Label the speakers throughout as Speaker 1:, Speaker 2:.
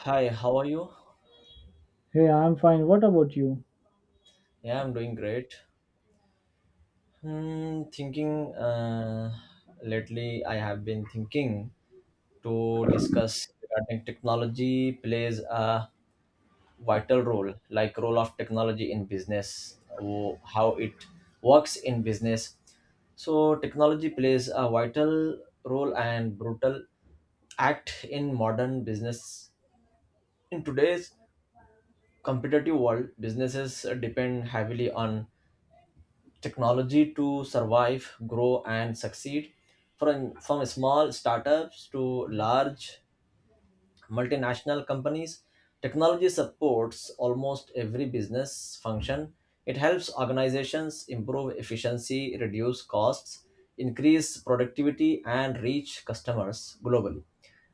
Speaker 1: Hi, how are you?
Speaker 2: Hey, I'm fine. What about you?
Speaker 1: Yeah, I'm doing great. Hmm, thinking lately, I have been thinking to discuss regarding technology plays a vital role, like role of technology in business, how it works in business. So technology plays a vital role and brutal act in modern business. In today's competitive world, businesses depend heavily on technology to survive, grow, and succeed. From small startups to large multinational companies, technology supports almost every business function. It helps organizations improve efficiency, reduce costs, increase productivity, and reach customers globally.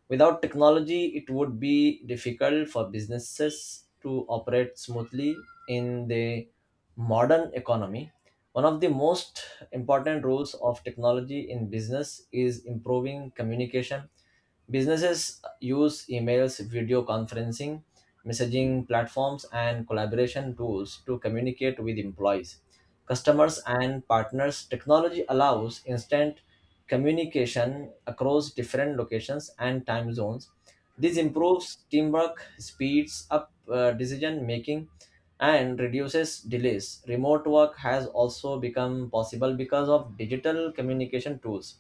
Speaker 1: Without technology, it would be difficult for businesses to operate smoothly in the modern economy. One of the most important roles of technology in business is improving communication. Businesses use emails, video conferencing, messaging platforms, and collaboration tools to communicate with employees, customers, and partners. Technology allows instant communication across different locations and time zones. This improves teamwork, speeds up decision making, and reduces delays. Remote work has also become possible because of digital communication tools.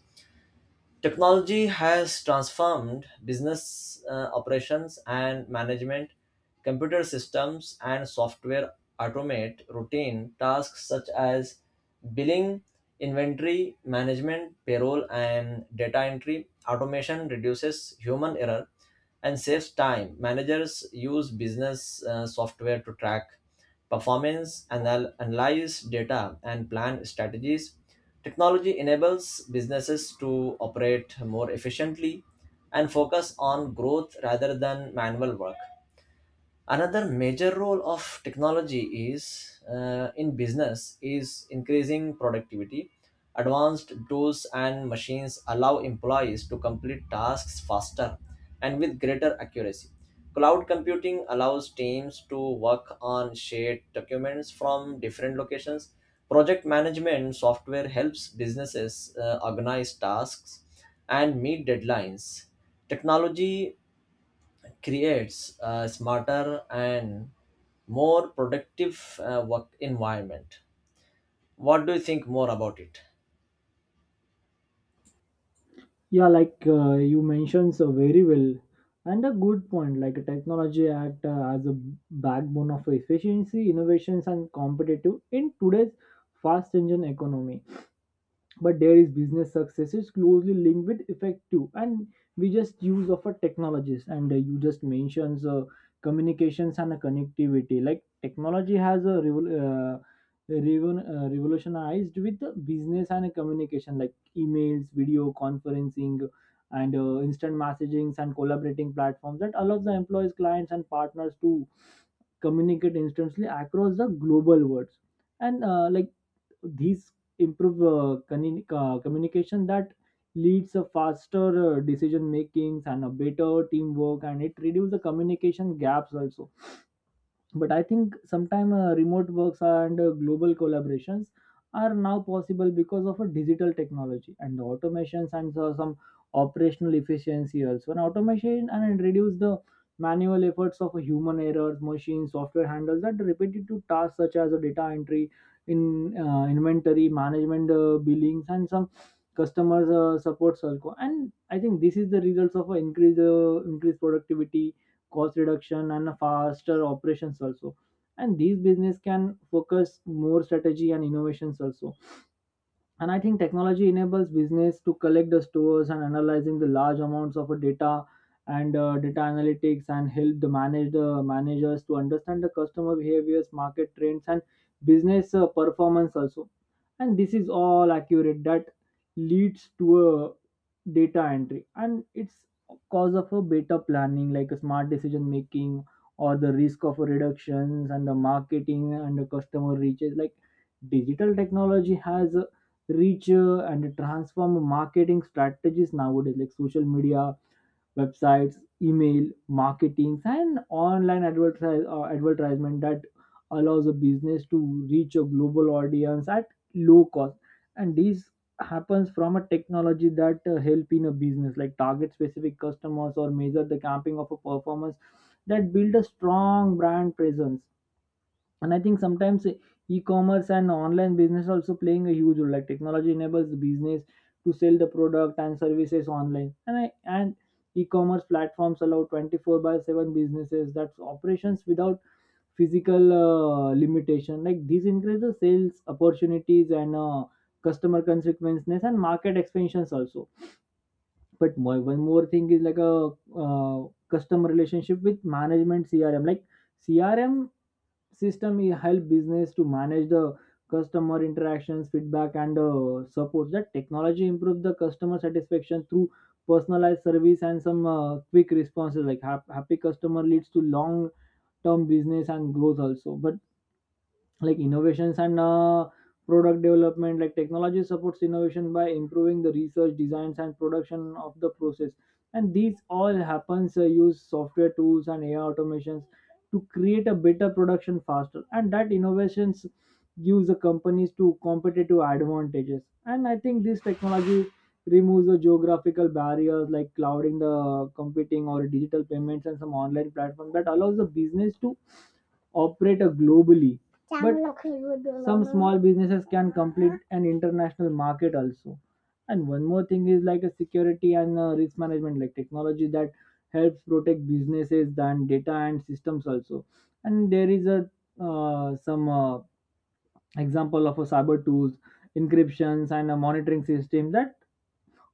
Speaker 1: Technology has transformed business operations and management. Computer systems and software automate routine tasks such as billing, inventory management, payroll, and data entry. Automation reduces human error and saves time. Managers use business software to track performance, analyze data, and plan strategies. Technology enables businesses to operate more efficiently and focus on growth rather than manual work. Another major role of technology is in business is increasing productivity. Advanced tools and machines allow employees to complete tasks faster and with greater accuracy. Cloud computing allows teams to work on shared documents from different locations. Project management software helps businesses organize tasks and meet deadlines. Technology creates a smarter and more productive work environment. What do you think more about it?
Speaker 2: Yeah, like you mentioned so very well, and a good point. Like technology act as a backbone of efficiency, innovations, and competitive in today's fast engine economy. But there is business success is closely linked with effective and we just use of a technologies and you just mentions communications and connectivity like technology has revolutionized with the business and communication like emails, video conferencing and instant messagings and collaborating platforms that allows the employees, clients and partners to communicate instantly across the global worlds and like these improve communication that leads a faster decision makings and a better teamwork, and it reduces the communication gaps also. But I think sometime remote works and global collaborations are now possible because of a digital technology and the automations, and so some operational efficiency also, and automation, and it reduce the manual efforts of a human errors. Machine software handles that repetitive tasks such as a data entry, in inventory management, billings, and some customers support circle. And I think this is the results of a increased productivity, cost reduction, and faster operations also. And these business can focus more strategy and innovations also. And I think technology enables business to collect the stores and analyzing the large amounts of data, and data analytics and help the managers to understand the customer behaviors, market trends, and business performance also. And this is all accurate that leads to a data entry, and it's cause of a better planning, like a smart decision making or the risk of reductions, and the marketing and the customer reaches. Like digital technology has reach and transform marketing strategies nowadays, like social media, websites, email marketing, and online advertisement that allows a business to reach a global audience at low cost. And this happens from a technology that help in a business like target specific customers or measure the camping of a performance that build a strong brand presence. And I think sometimes e- commerce and online business also playing a huge role. Like technology enables the business to sell the product and services online, and e-commerce platforms allow 24 by 7 businesses that's operations without physical limitation. Like these increase the sales opportunities and customer consequences and market expansions also. But one more thing is like a customer relationship with management, CRM. Like CRM system help business to manage the customer interactions, feedback, and support. That technology improve the customer satisfaction through personalized service and some quick responses. Like happy customer leads to long term business and growth also. But like innovations and product development, like technology supports innovation by improving the research designs and production of the process. And these all happens use software tools and AI automations to create a better production faster, and that innovations gives the companies to competitive advantages. And I think this technology removes the geographical barriers, like clouding the computing, or digital payments and some online platform that allows the business to operate globally. But some small businesses can complete an international market also. And one more thing is like a security and risk management. Like technology that helps protect businesses and data and systems also. And there is a some example of a cyber tools, encryptions, and a monitoring system that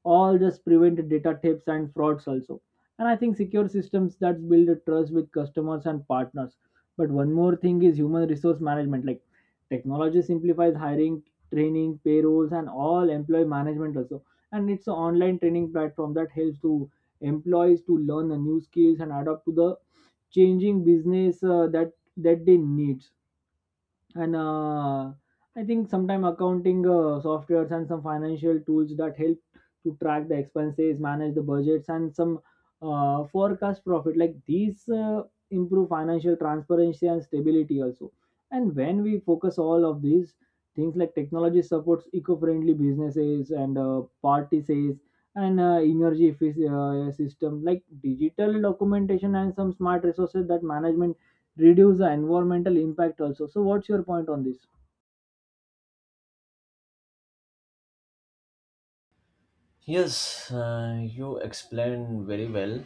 Speaker 2: all just prevent data thefts and frauds also. And I think secure systems that build a trust with customers and partners. But one more thing is human resource management. Like technology simplifies hiring, training, payrolls, and all employee management also. And it's an online training platform that helps to employees to learn the new skills and adapt to the changing business that they need. And I think sometime accounting softwares and some financial tools that help to track the expenses, manage the budgets, and some forecast profit. Like these improve financial transparency and stability also. And when we focus all of these things like technology supports eco-friendly businesses and parties, and energy system, like digital documentation and some smart resources that management reduce the environmental impact also. So what's your point on this?
Speaker 1: Yes, you explained very well.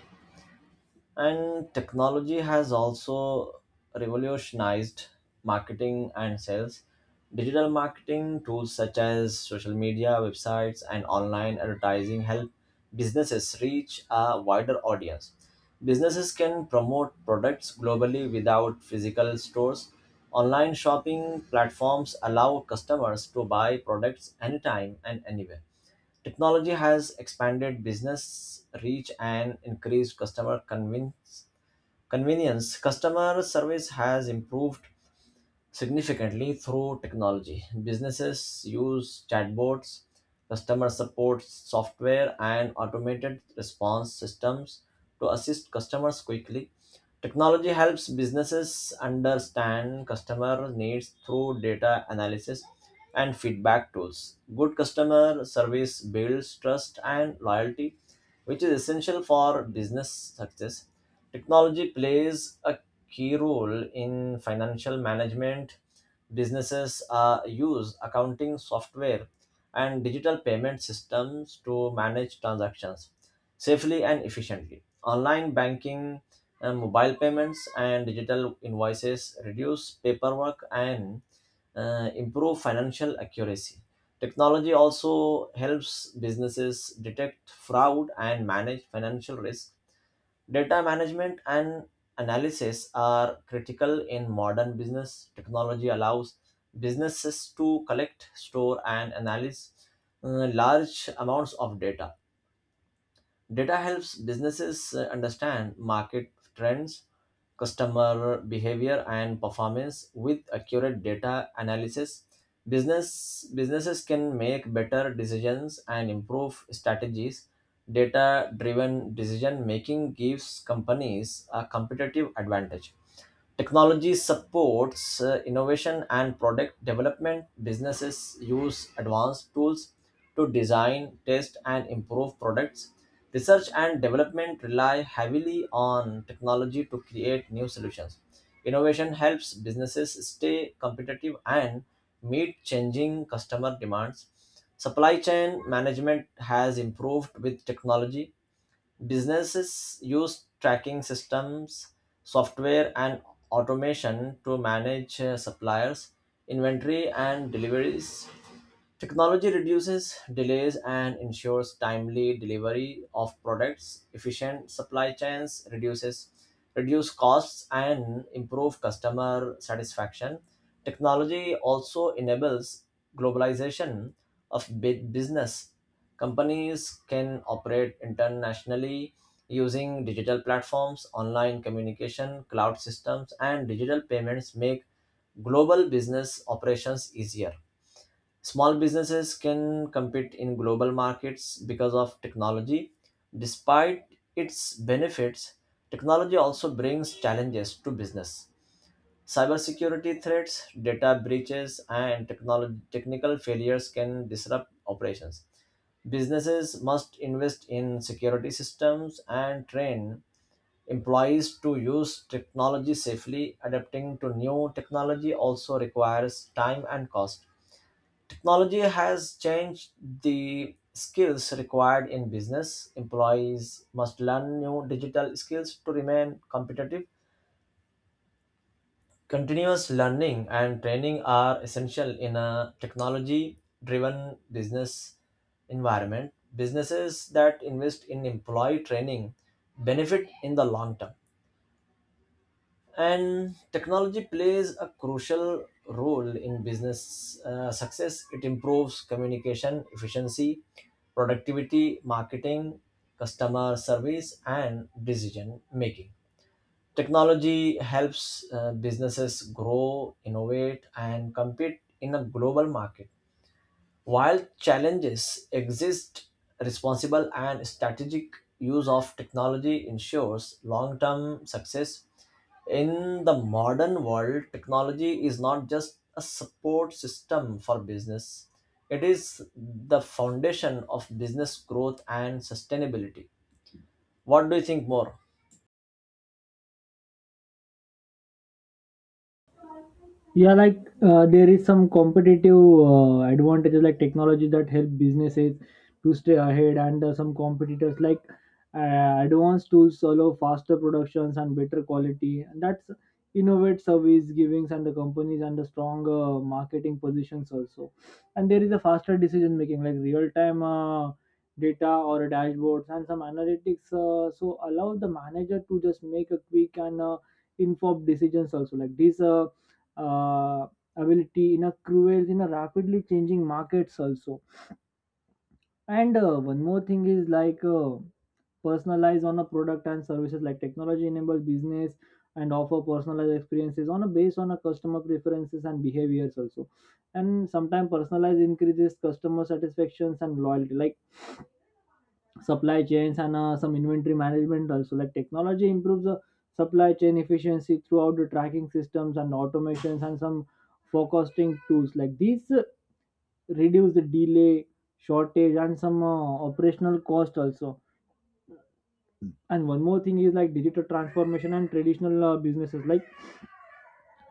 Speaker 1: And technology has also revolutionized marketing and sales. Digital marketing tools such as social media, websites, and online advertising help businesses reach a wider audience. Businesses can promote products globally without physical stores. Online shopping platforms allow customers to buy products anytime and anywhere. Technology has expanded business reach and increased convenience. Customer service has improved significantly through technology. Businesses use chatbots, customer support software, and automated response systems to assist customers quickly. Technology helps businesses understand customer needs through data analysis and feedback tools. Good customer service builds trust and loyalty, which is essential for business success. Technology plays a key role in financial management. Businesses use accounting software and digital payment systems to manage transactions safely and efficiently. Online banking, mobile payments, and digital invoices reduce paperwork and improve financial accuracy. Technology also helps businesses detect fraud and manage financial risk. Data management and analysis are critical in modern business. Technology allows businesses to collect, store, and analyze large amounts of data. Data helps businesses understand market trends, customer behavior, and performance. With accurate data analysis, businesses can make better decisions and improve strategies. Data-driven decision making gives companies a competitive advantage. Technology supports innovation and product development. Businesses use advanced tools to design, test, and improve products. Research and development rely heavily on technology to create new solutions. Innovation helps businesses stay competitive and meet changing customer demands. Supply chain management has improved with technology. Businesses use tracking systems, software, and automation to manage suppliers, inventory, and deliveries. Technology reduces delays and ensures timely delivery of products. Efficient supply chains reduce costs and improve customer satisfaction. Technology also enables globalization of business. Companies can operate internationally using digital platforms, online communication, cloud systems, and digital payments make global business operations easier. Small businesses can compete in global markets because of technology. Despite its benefits, technology also brings challenges to business. Cybersecurity threats, data breaches, and technical failures can disrupt operations. Businesses must invest in security systems and train employees to use technology safely. Adapting to new technology also requires time and cost. Technology has changed the skills required in business. Employees must learn new digital skills to remain competitive. Continuous learning and training are essential in a technology driven business environment. Businesses that invest in employee training benefit in the long term. And technology plays a crucial role in business success. It improves communication, efficiency, productivity, marketing, customer service, and decision making. Technology helps businesses grow, innovate, and compete in a global market. While challenges exist, responsible and strategic use of technology ensures long term success. In the modern world, technology is not just a support system for business, it is the foundation of business growth and sustainability. What do you think more?
Speaker 2: Yeah, like there is some competitive advantages like technology that help businesses to stay ahead, and some competitors. Like advanced tools allow faster productions and better quality, and that's innovate service givings and the companies and the stronger marketing positions also. And there is a faster decision making like real time data or dashboards and some analytics, so allow the manager to just make a quick and informed decisions also like this. Uh, Ability in a cruel in a rapidly changing markets also. And one more thing is like personalize on a product and services. Like technology enable business and offer personalized experiences on a based on a customer preferences and behaviors also. And sometimes personalized increases customer satisfactions and loyalty, like supply chains and some inventory management also. Like technology improves the supply chain efficiency throughout the tracking systems and automations and some forecasting tools. Like these reduce the delay, shortage, and some operational cost also. And one more thing is like digital transformation and traditional businesses. Like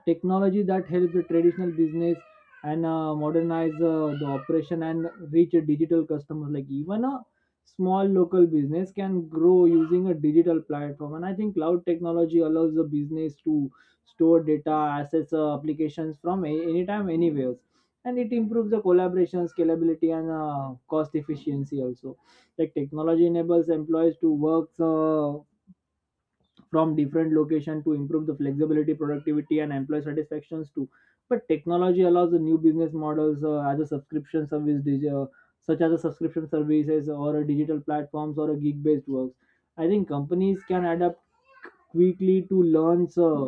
Speaker 2: technology that helps the traditional business and modernize the operation and reach a digital customers. Like even a small local business can grow using a digital platform. And I think cloud technology allows the business to store data, assets, applications from anytime anywhere, and it improves the collaboration, scalability, and cost efficiency also. Like technology enables employees to work from different location to improve the flexibility, productivity, and employee satisfactions too. But technology allows the new business models as a subscription service dig- such as a subscription services, or a digital platforms, or a gig based works. I think companies can adapt quickly to learn uh,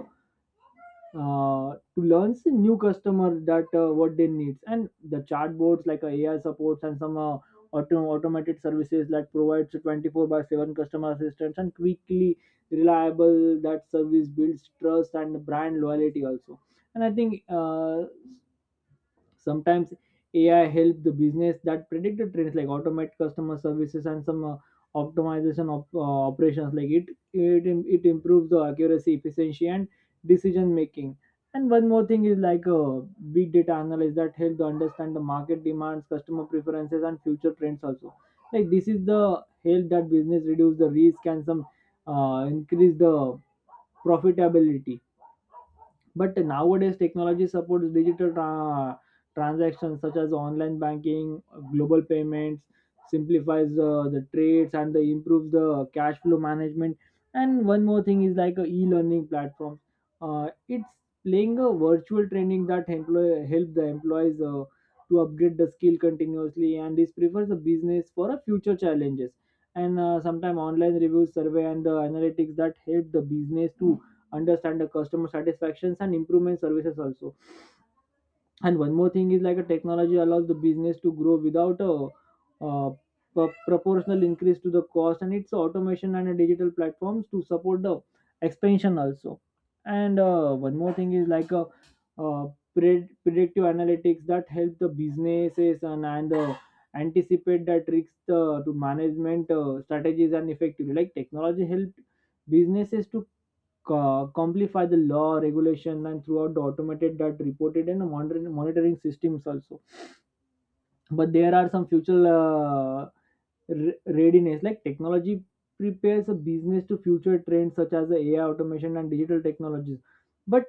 Speaker 2: uh, to learn the new customer that what they needs. And the chatbots, like AI supports and some automated services that provides 24 by 7 customer assistance, and quickly reliable that service builds trust and brand loyalty also. And I think sometimes AI help the business that predict the trends, like automate customer services and some optimization of operations. Like it improves the accuracy, efficiency, and decision making. And one more thing is like big data analysis that help to understand the market demands, customer preferences, and future trends also. Like this is the help that business reduce the risk, and some increase the profitability. But nowadays, technology supports transactions such as online banking, global payments, simplifies the trades, and improves the cash flow management. And one more thing is like a e-learning platform. It's playing a virtual training that help the employees to upgrade the skill continuously, and this prefers the business for a future challenges. And sometimes online reviews, survey, and the analytics that help the business to understand the customer satisfactions and improvement services also. And one more thing is like a technology allows the business to grow without a uh, proportional increase to the cost, and its automation and a digital platforms to support the expansion also. And one more thing is like a uh, predictive analytics that help the businesses and the anticipate that risks to management strategies and effectively. Like technology helped businesses to complify the law regulation and throughout the automated that reported and monitoring systems also. But there are some future readiness. Like technology prepares a business to future trends such as the AI automation and digital technologies. But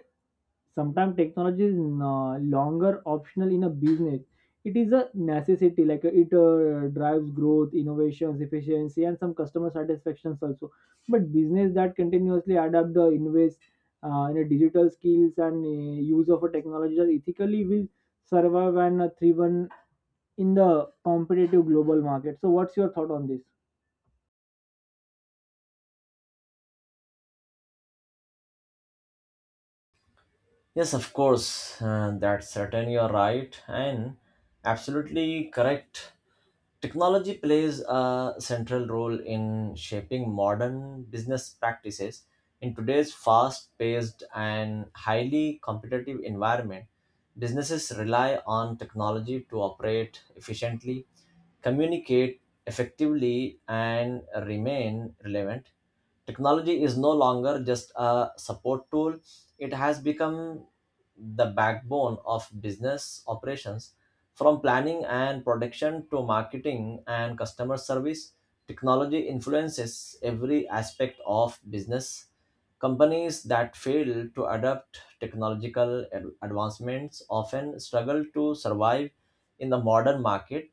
Speaker 2: sometimes technology is no longer optional in a business, it is a necessity. Like it drives growth, innovations, efficiency, and some customer satisfactions also. But business that continuously adapt the invest in a digital skills and use of a technology that ethically will survive and thrive in the competitive global market. So what's your thought on this?
Speaker 1: Yes, of course, that's certain, you're right and absolutely correct. Technology plays a central role in shaping modern business practices. In today's fast paced and highly competitive environment, businesses rely on technology to operate efficiently, communicate effectively, and remain relevant. Technology is no longer just a support tool, it has become the backbone of business operations. From planning and production to marketing and customer service, technology influences every aspect of business. Companies that fail to adapt technological advancements often struggle to survive in the modern market.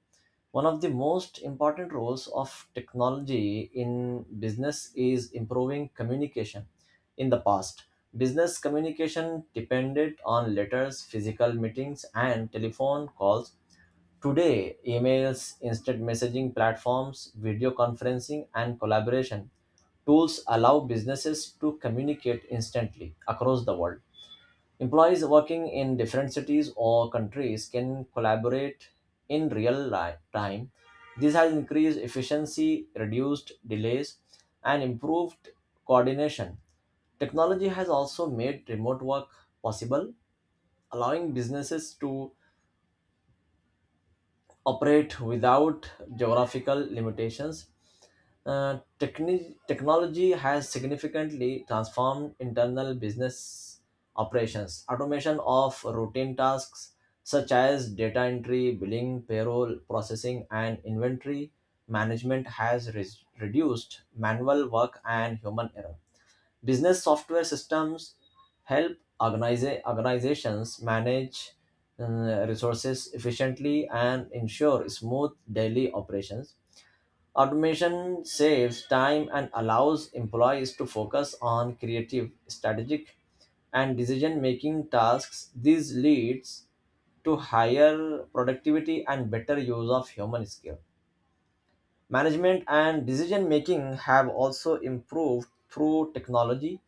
Speaker 1: One of the most important roles of technology in business is improving communication. In the past, business communication depended on letters, physical meetings, and telephone calls. Today, emails, instant messaging platforms, video conferencing, and collaboration tools allow businesses to communicate instantly across the world. Employees working in different cities or countries can collaborate in real time. This has increased efficiency, reduced delays, and improved coordination. Technology has also made remote work possible, allowing businesses to operate without geographical limitations. Technology has significantly transformed internal business operations. Automation of routine tasks such as data entry, billing, payroll processing, and inventory management has reduced manual work and human error. Business software systems help organizations manage resources efficiently and ensure smooth daily operations. Automation saves time and allows employees to focus on creative, strategic, and decision making tasks. This leads to higher productivity and better use of human skill. Management and decision making have also improved through technology.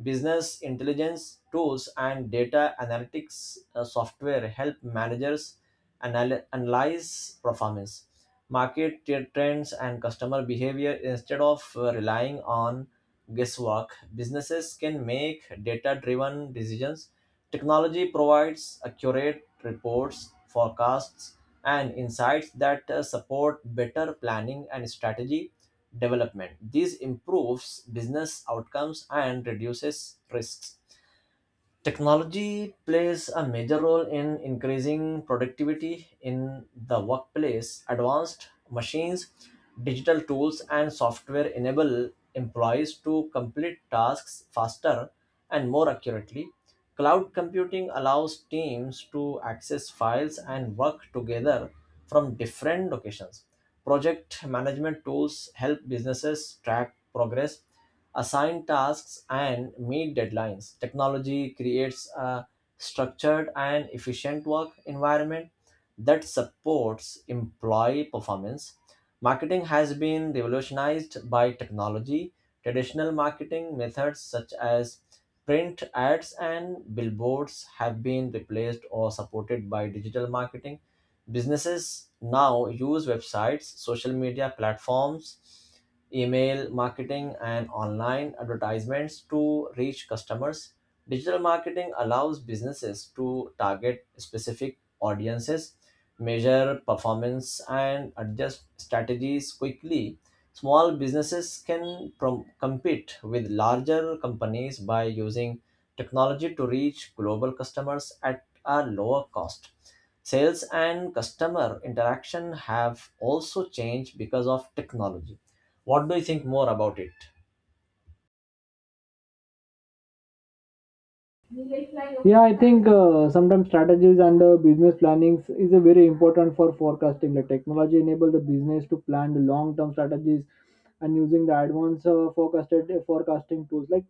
Speaker 1: Business intelligence tools and data analytics software help managers analyze performance, market tier trends, and customer behavior instead of relying on guesswork. Businesses can make data driven decisions. Technology provides accurate reports, forecasts, and insights that support better planning and strategy development. This improves business outcomes and reduces risks. Technology plays a major role in increasing productivity in the workplace. Advanced machines, digital tools, and software enable employees to complete tasks faster and more accurately. Cloud computing allows teams to access files and work together from different locations. Project management tools help businesses track progress, assign tasks, and meet deadlines. Technology creates a structured and efficient work environment that supports employee performance. Marketing has been revolutionized by technology. Traditional marketing methods such as print ads and billboards have been replaced or supported by digital marketing. Businesses now use websites, social media platforms, email marketing, and online advertisements to reach customers. Digital marketing allows businesses to target specific audiences, measure performance, and adjust strategies quickly. Small businesses can compete with larger companies by using technology to reach global customers at a lower cost. Sales and customer interaction have also changed because of technology. What do you think more about it?
Speaker 2: Yeah, I think sometimes strategies and business planning is a very important for forecasting. The technology enable the business to plan the long term strategies and using the advanced forecasted forecasting tools, like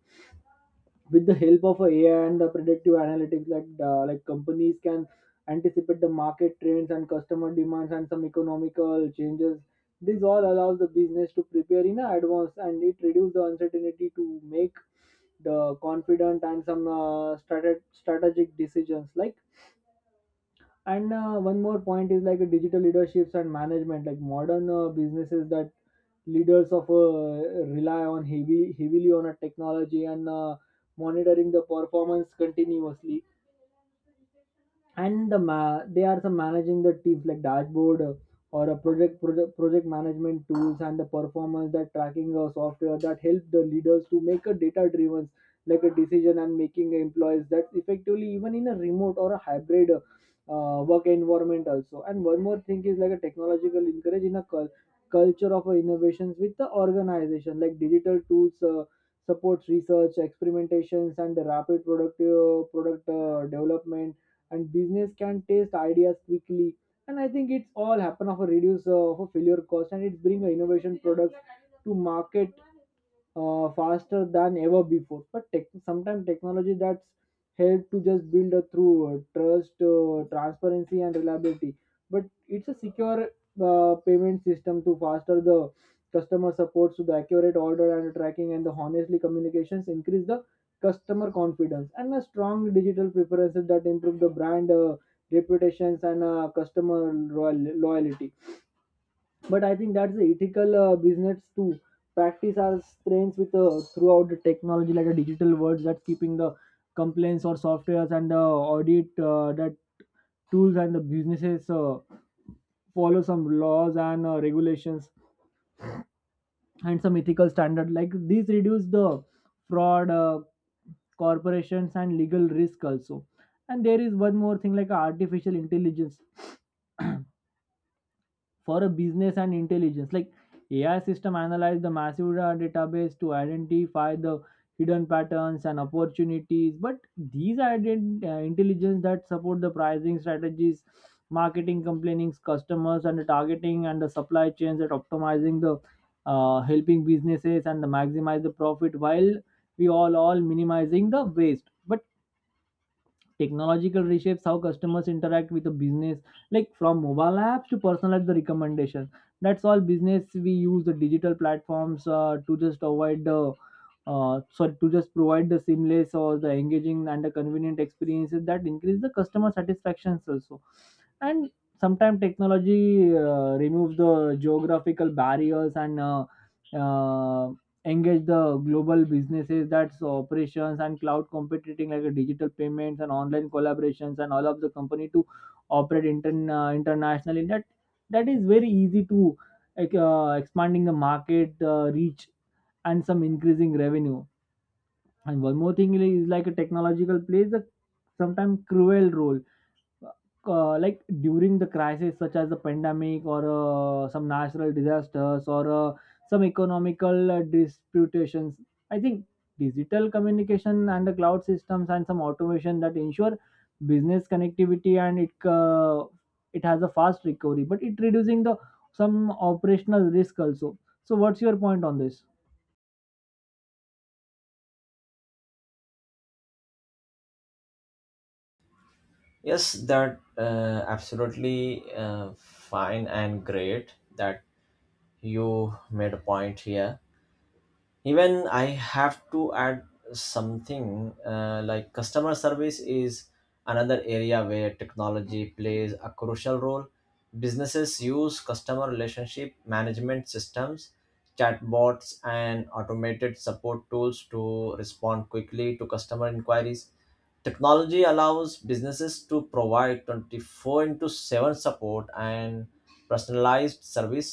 Speaker 2: with the help of AI and the predictive analytics, like companies can anticipate the market trends and customer demands and some economical changes. This all allows the business to prepare in advance, and it reduces the uncertainty to make the confident and some strategic decisions. Like and one more point is like digital leaderships and management, like modern businesses that leaders of rely on heavy heavily on a technology and monitoring the performance continuously, and they are some managing the teams like dashboard, or a project management tools and the performance that tracking software that help the leaders to make a data driven like a decision and making employees that effectively even in a remote or a hybrid work environment also. And one more thing is like a technological encourage in a culture of innovations with the organization, like digital tools supports research experimentations and the rapid product development, and business can test ideas quickly. And I think it's all happen of a reduce of a failure cost, and it's bring a innovation products to market faster than ever before. But sometimes technology that's help to just build a through trust, transparency, and reliability. But it's a secure payment system to faster the customer supports to the accurate order and tracking, and the honestly communications increase the customer confidence, and a strong digital preferences that improve the brand reputations and customer loyalty. But I think that's the ethical business to practice our strengths with throughout the technology, like a digital words that's keeping the complaints or softwares and the audit that tools, and the businesses follow some laws and regulations and some ethical standard, like these reduce the fraud corporations and legal risk also. And there is one more thing like artificial intelligence for a business and intelligence, like AI system analyze the massive database to identify the hidden patterns and opportunities. But these are intelligence that support the pricing strategies, marketing complainings customers and the targeting and the supply chains that optimizing the helping businesses and the maximize the profit while we all minimizing the waste. But technological reshapes how customers interact with the business, like from mobile apps to personalize the recommendations. That's all business we use the digital platforms to just avoid the to just provide the seamless or the engaging and the convenient experiences that increase the customer satisfactions also. And sometimes technology removes the geographical barriers and uh, engage the global businesses that's operations and cloud computing, like a digital payments and online collaborations and all of the company to operate internationally, that is very easy to expanding the market reach and some increasing revenue. And one more thing is like a technological plays a sometimes cruel role, like during the crisis such as the pandemic or some natural disasters or some economical disputations. I think digital communication and the cloud systems and some automation that ensure business connectivity, and it has a fast recovery, but it reducing the some operational risk also. So what's your point on this?
Speaker 1: Yes, that absolutely fine and great that you made a point here. Even I have to add something like customer service is another area where technology plays a crucial role. Businesses use customer relationship management systems, chatbots, and automated support tools to respond quickly to customer inquiries. Technology allows businesses to provide 24 into 7 support and personalized service.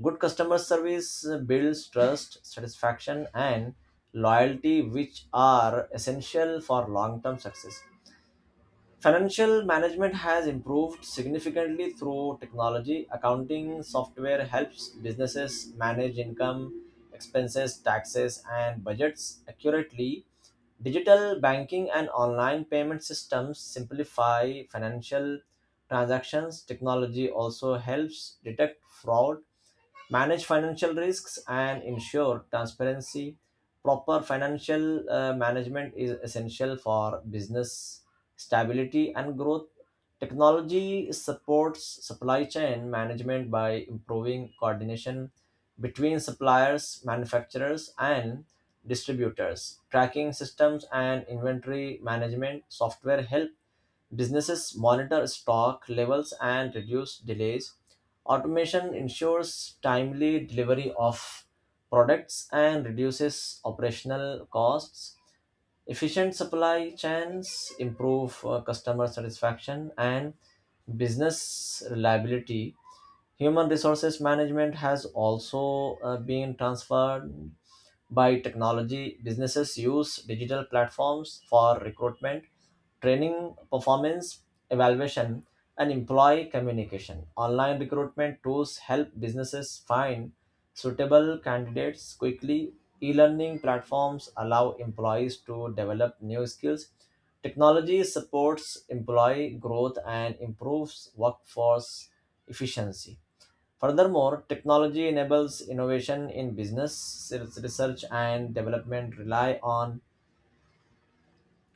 Speaker 1: Good customer service builds trust, satisfaction, and loyalty, which are essential for long term success. Financial management has improved significantly through technology. Accounting software helps businesses manage income, expenses, taxes, and budgets accurately. Digital banking and online payment systems simplify financial transactions. Technology also helps detect fraud, manage financial risks, and ensure transparency. Proper financial management is essential for business stability and growth. Technology supports supply chain management by improving coordination between suppliers, manufacturers, and distributors. Tracking systems and inventory management software help businesses monitor stock levels and reduce delays. Automation ensures timely delivery of products and reduces operational costs. Efficient supply chains improve customer satisfaction and business reliability. Human resources management has also been transformed by technology. Businesses use digital platforms for recruitment, training, performance evaluation, and employee communication. Online recruitment tools help businesses find suitable candidates quickly. E learning platforms allow employees to develop new skills. Technology supports employee growth and improves workforce efficiency. Furthermore, technology enables innovation in business. Its research and development rely on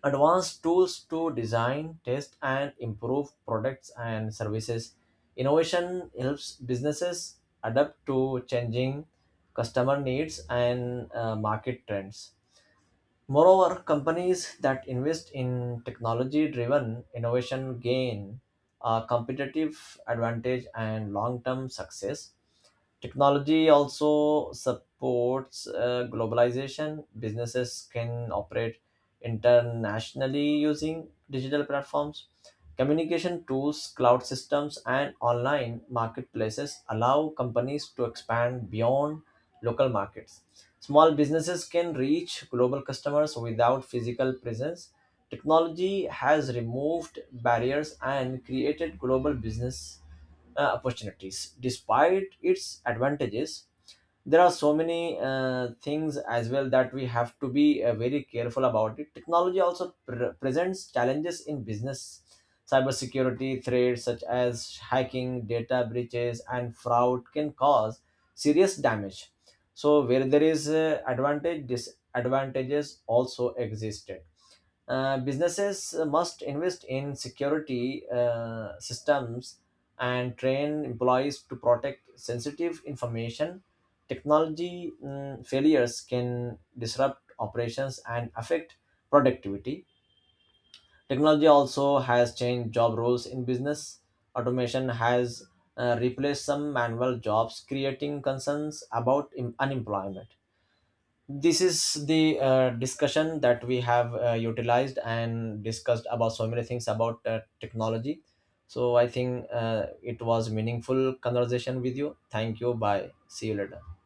Speaker 1: advanced tools to design, test, and improve products and services. Innovation helps businesses adapt to changing customer needs and market trends. Moreover, companies that invest in technology driven innovation gain a competitive advantage and long term success. Technology also supports globalization. Businesses can operate internationally using digital platforms. Communication tools, cloud systems, and online marketplaces allow companies to expand beyond local markets. Small businesses can reach global customers without physical presence. Technology has removed barriers and created global business opportunities. Despite its advantages, there are so many things as well that we have to be very careful about it. Technology also presents challenges in business. Cybersecurity threats such as hacking, data breaches, and fraud can cause serious damage. So where there is advantage, disadvantages also existed. Businesses must invest in security systems and train employees to protect sensitive information. Technology failures can disrupt operations and affect productivity. Technology also has changed job roles in business. Automation has replaced some manual jobs, creating concerns about unemployment. This is the discussion that we have utilized and discussed about so many things about technology. So I think it was meaningful conversation with you. Thank you, bye, see you later.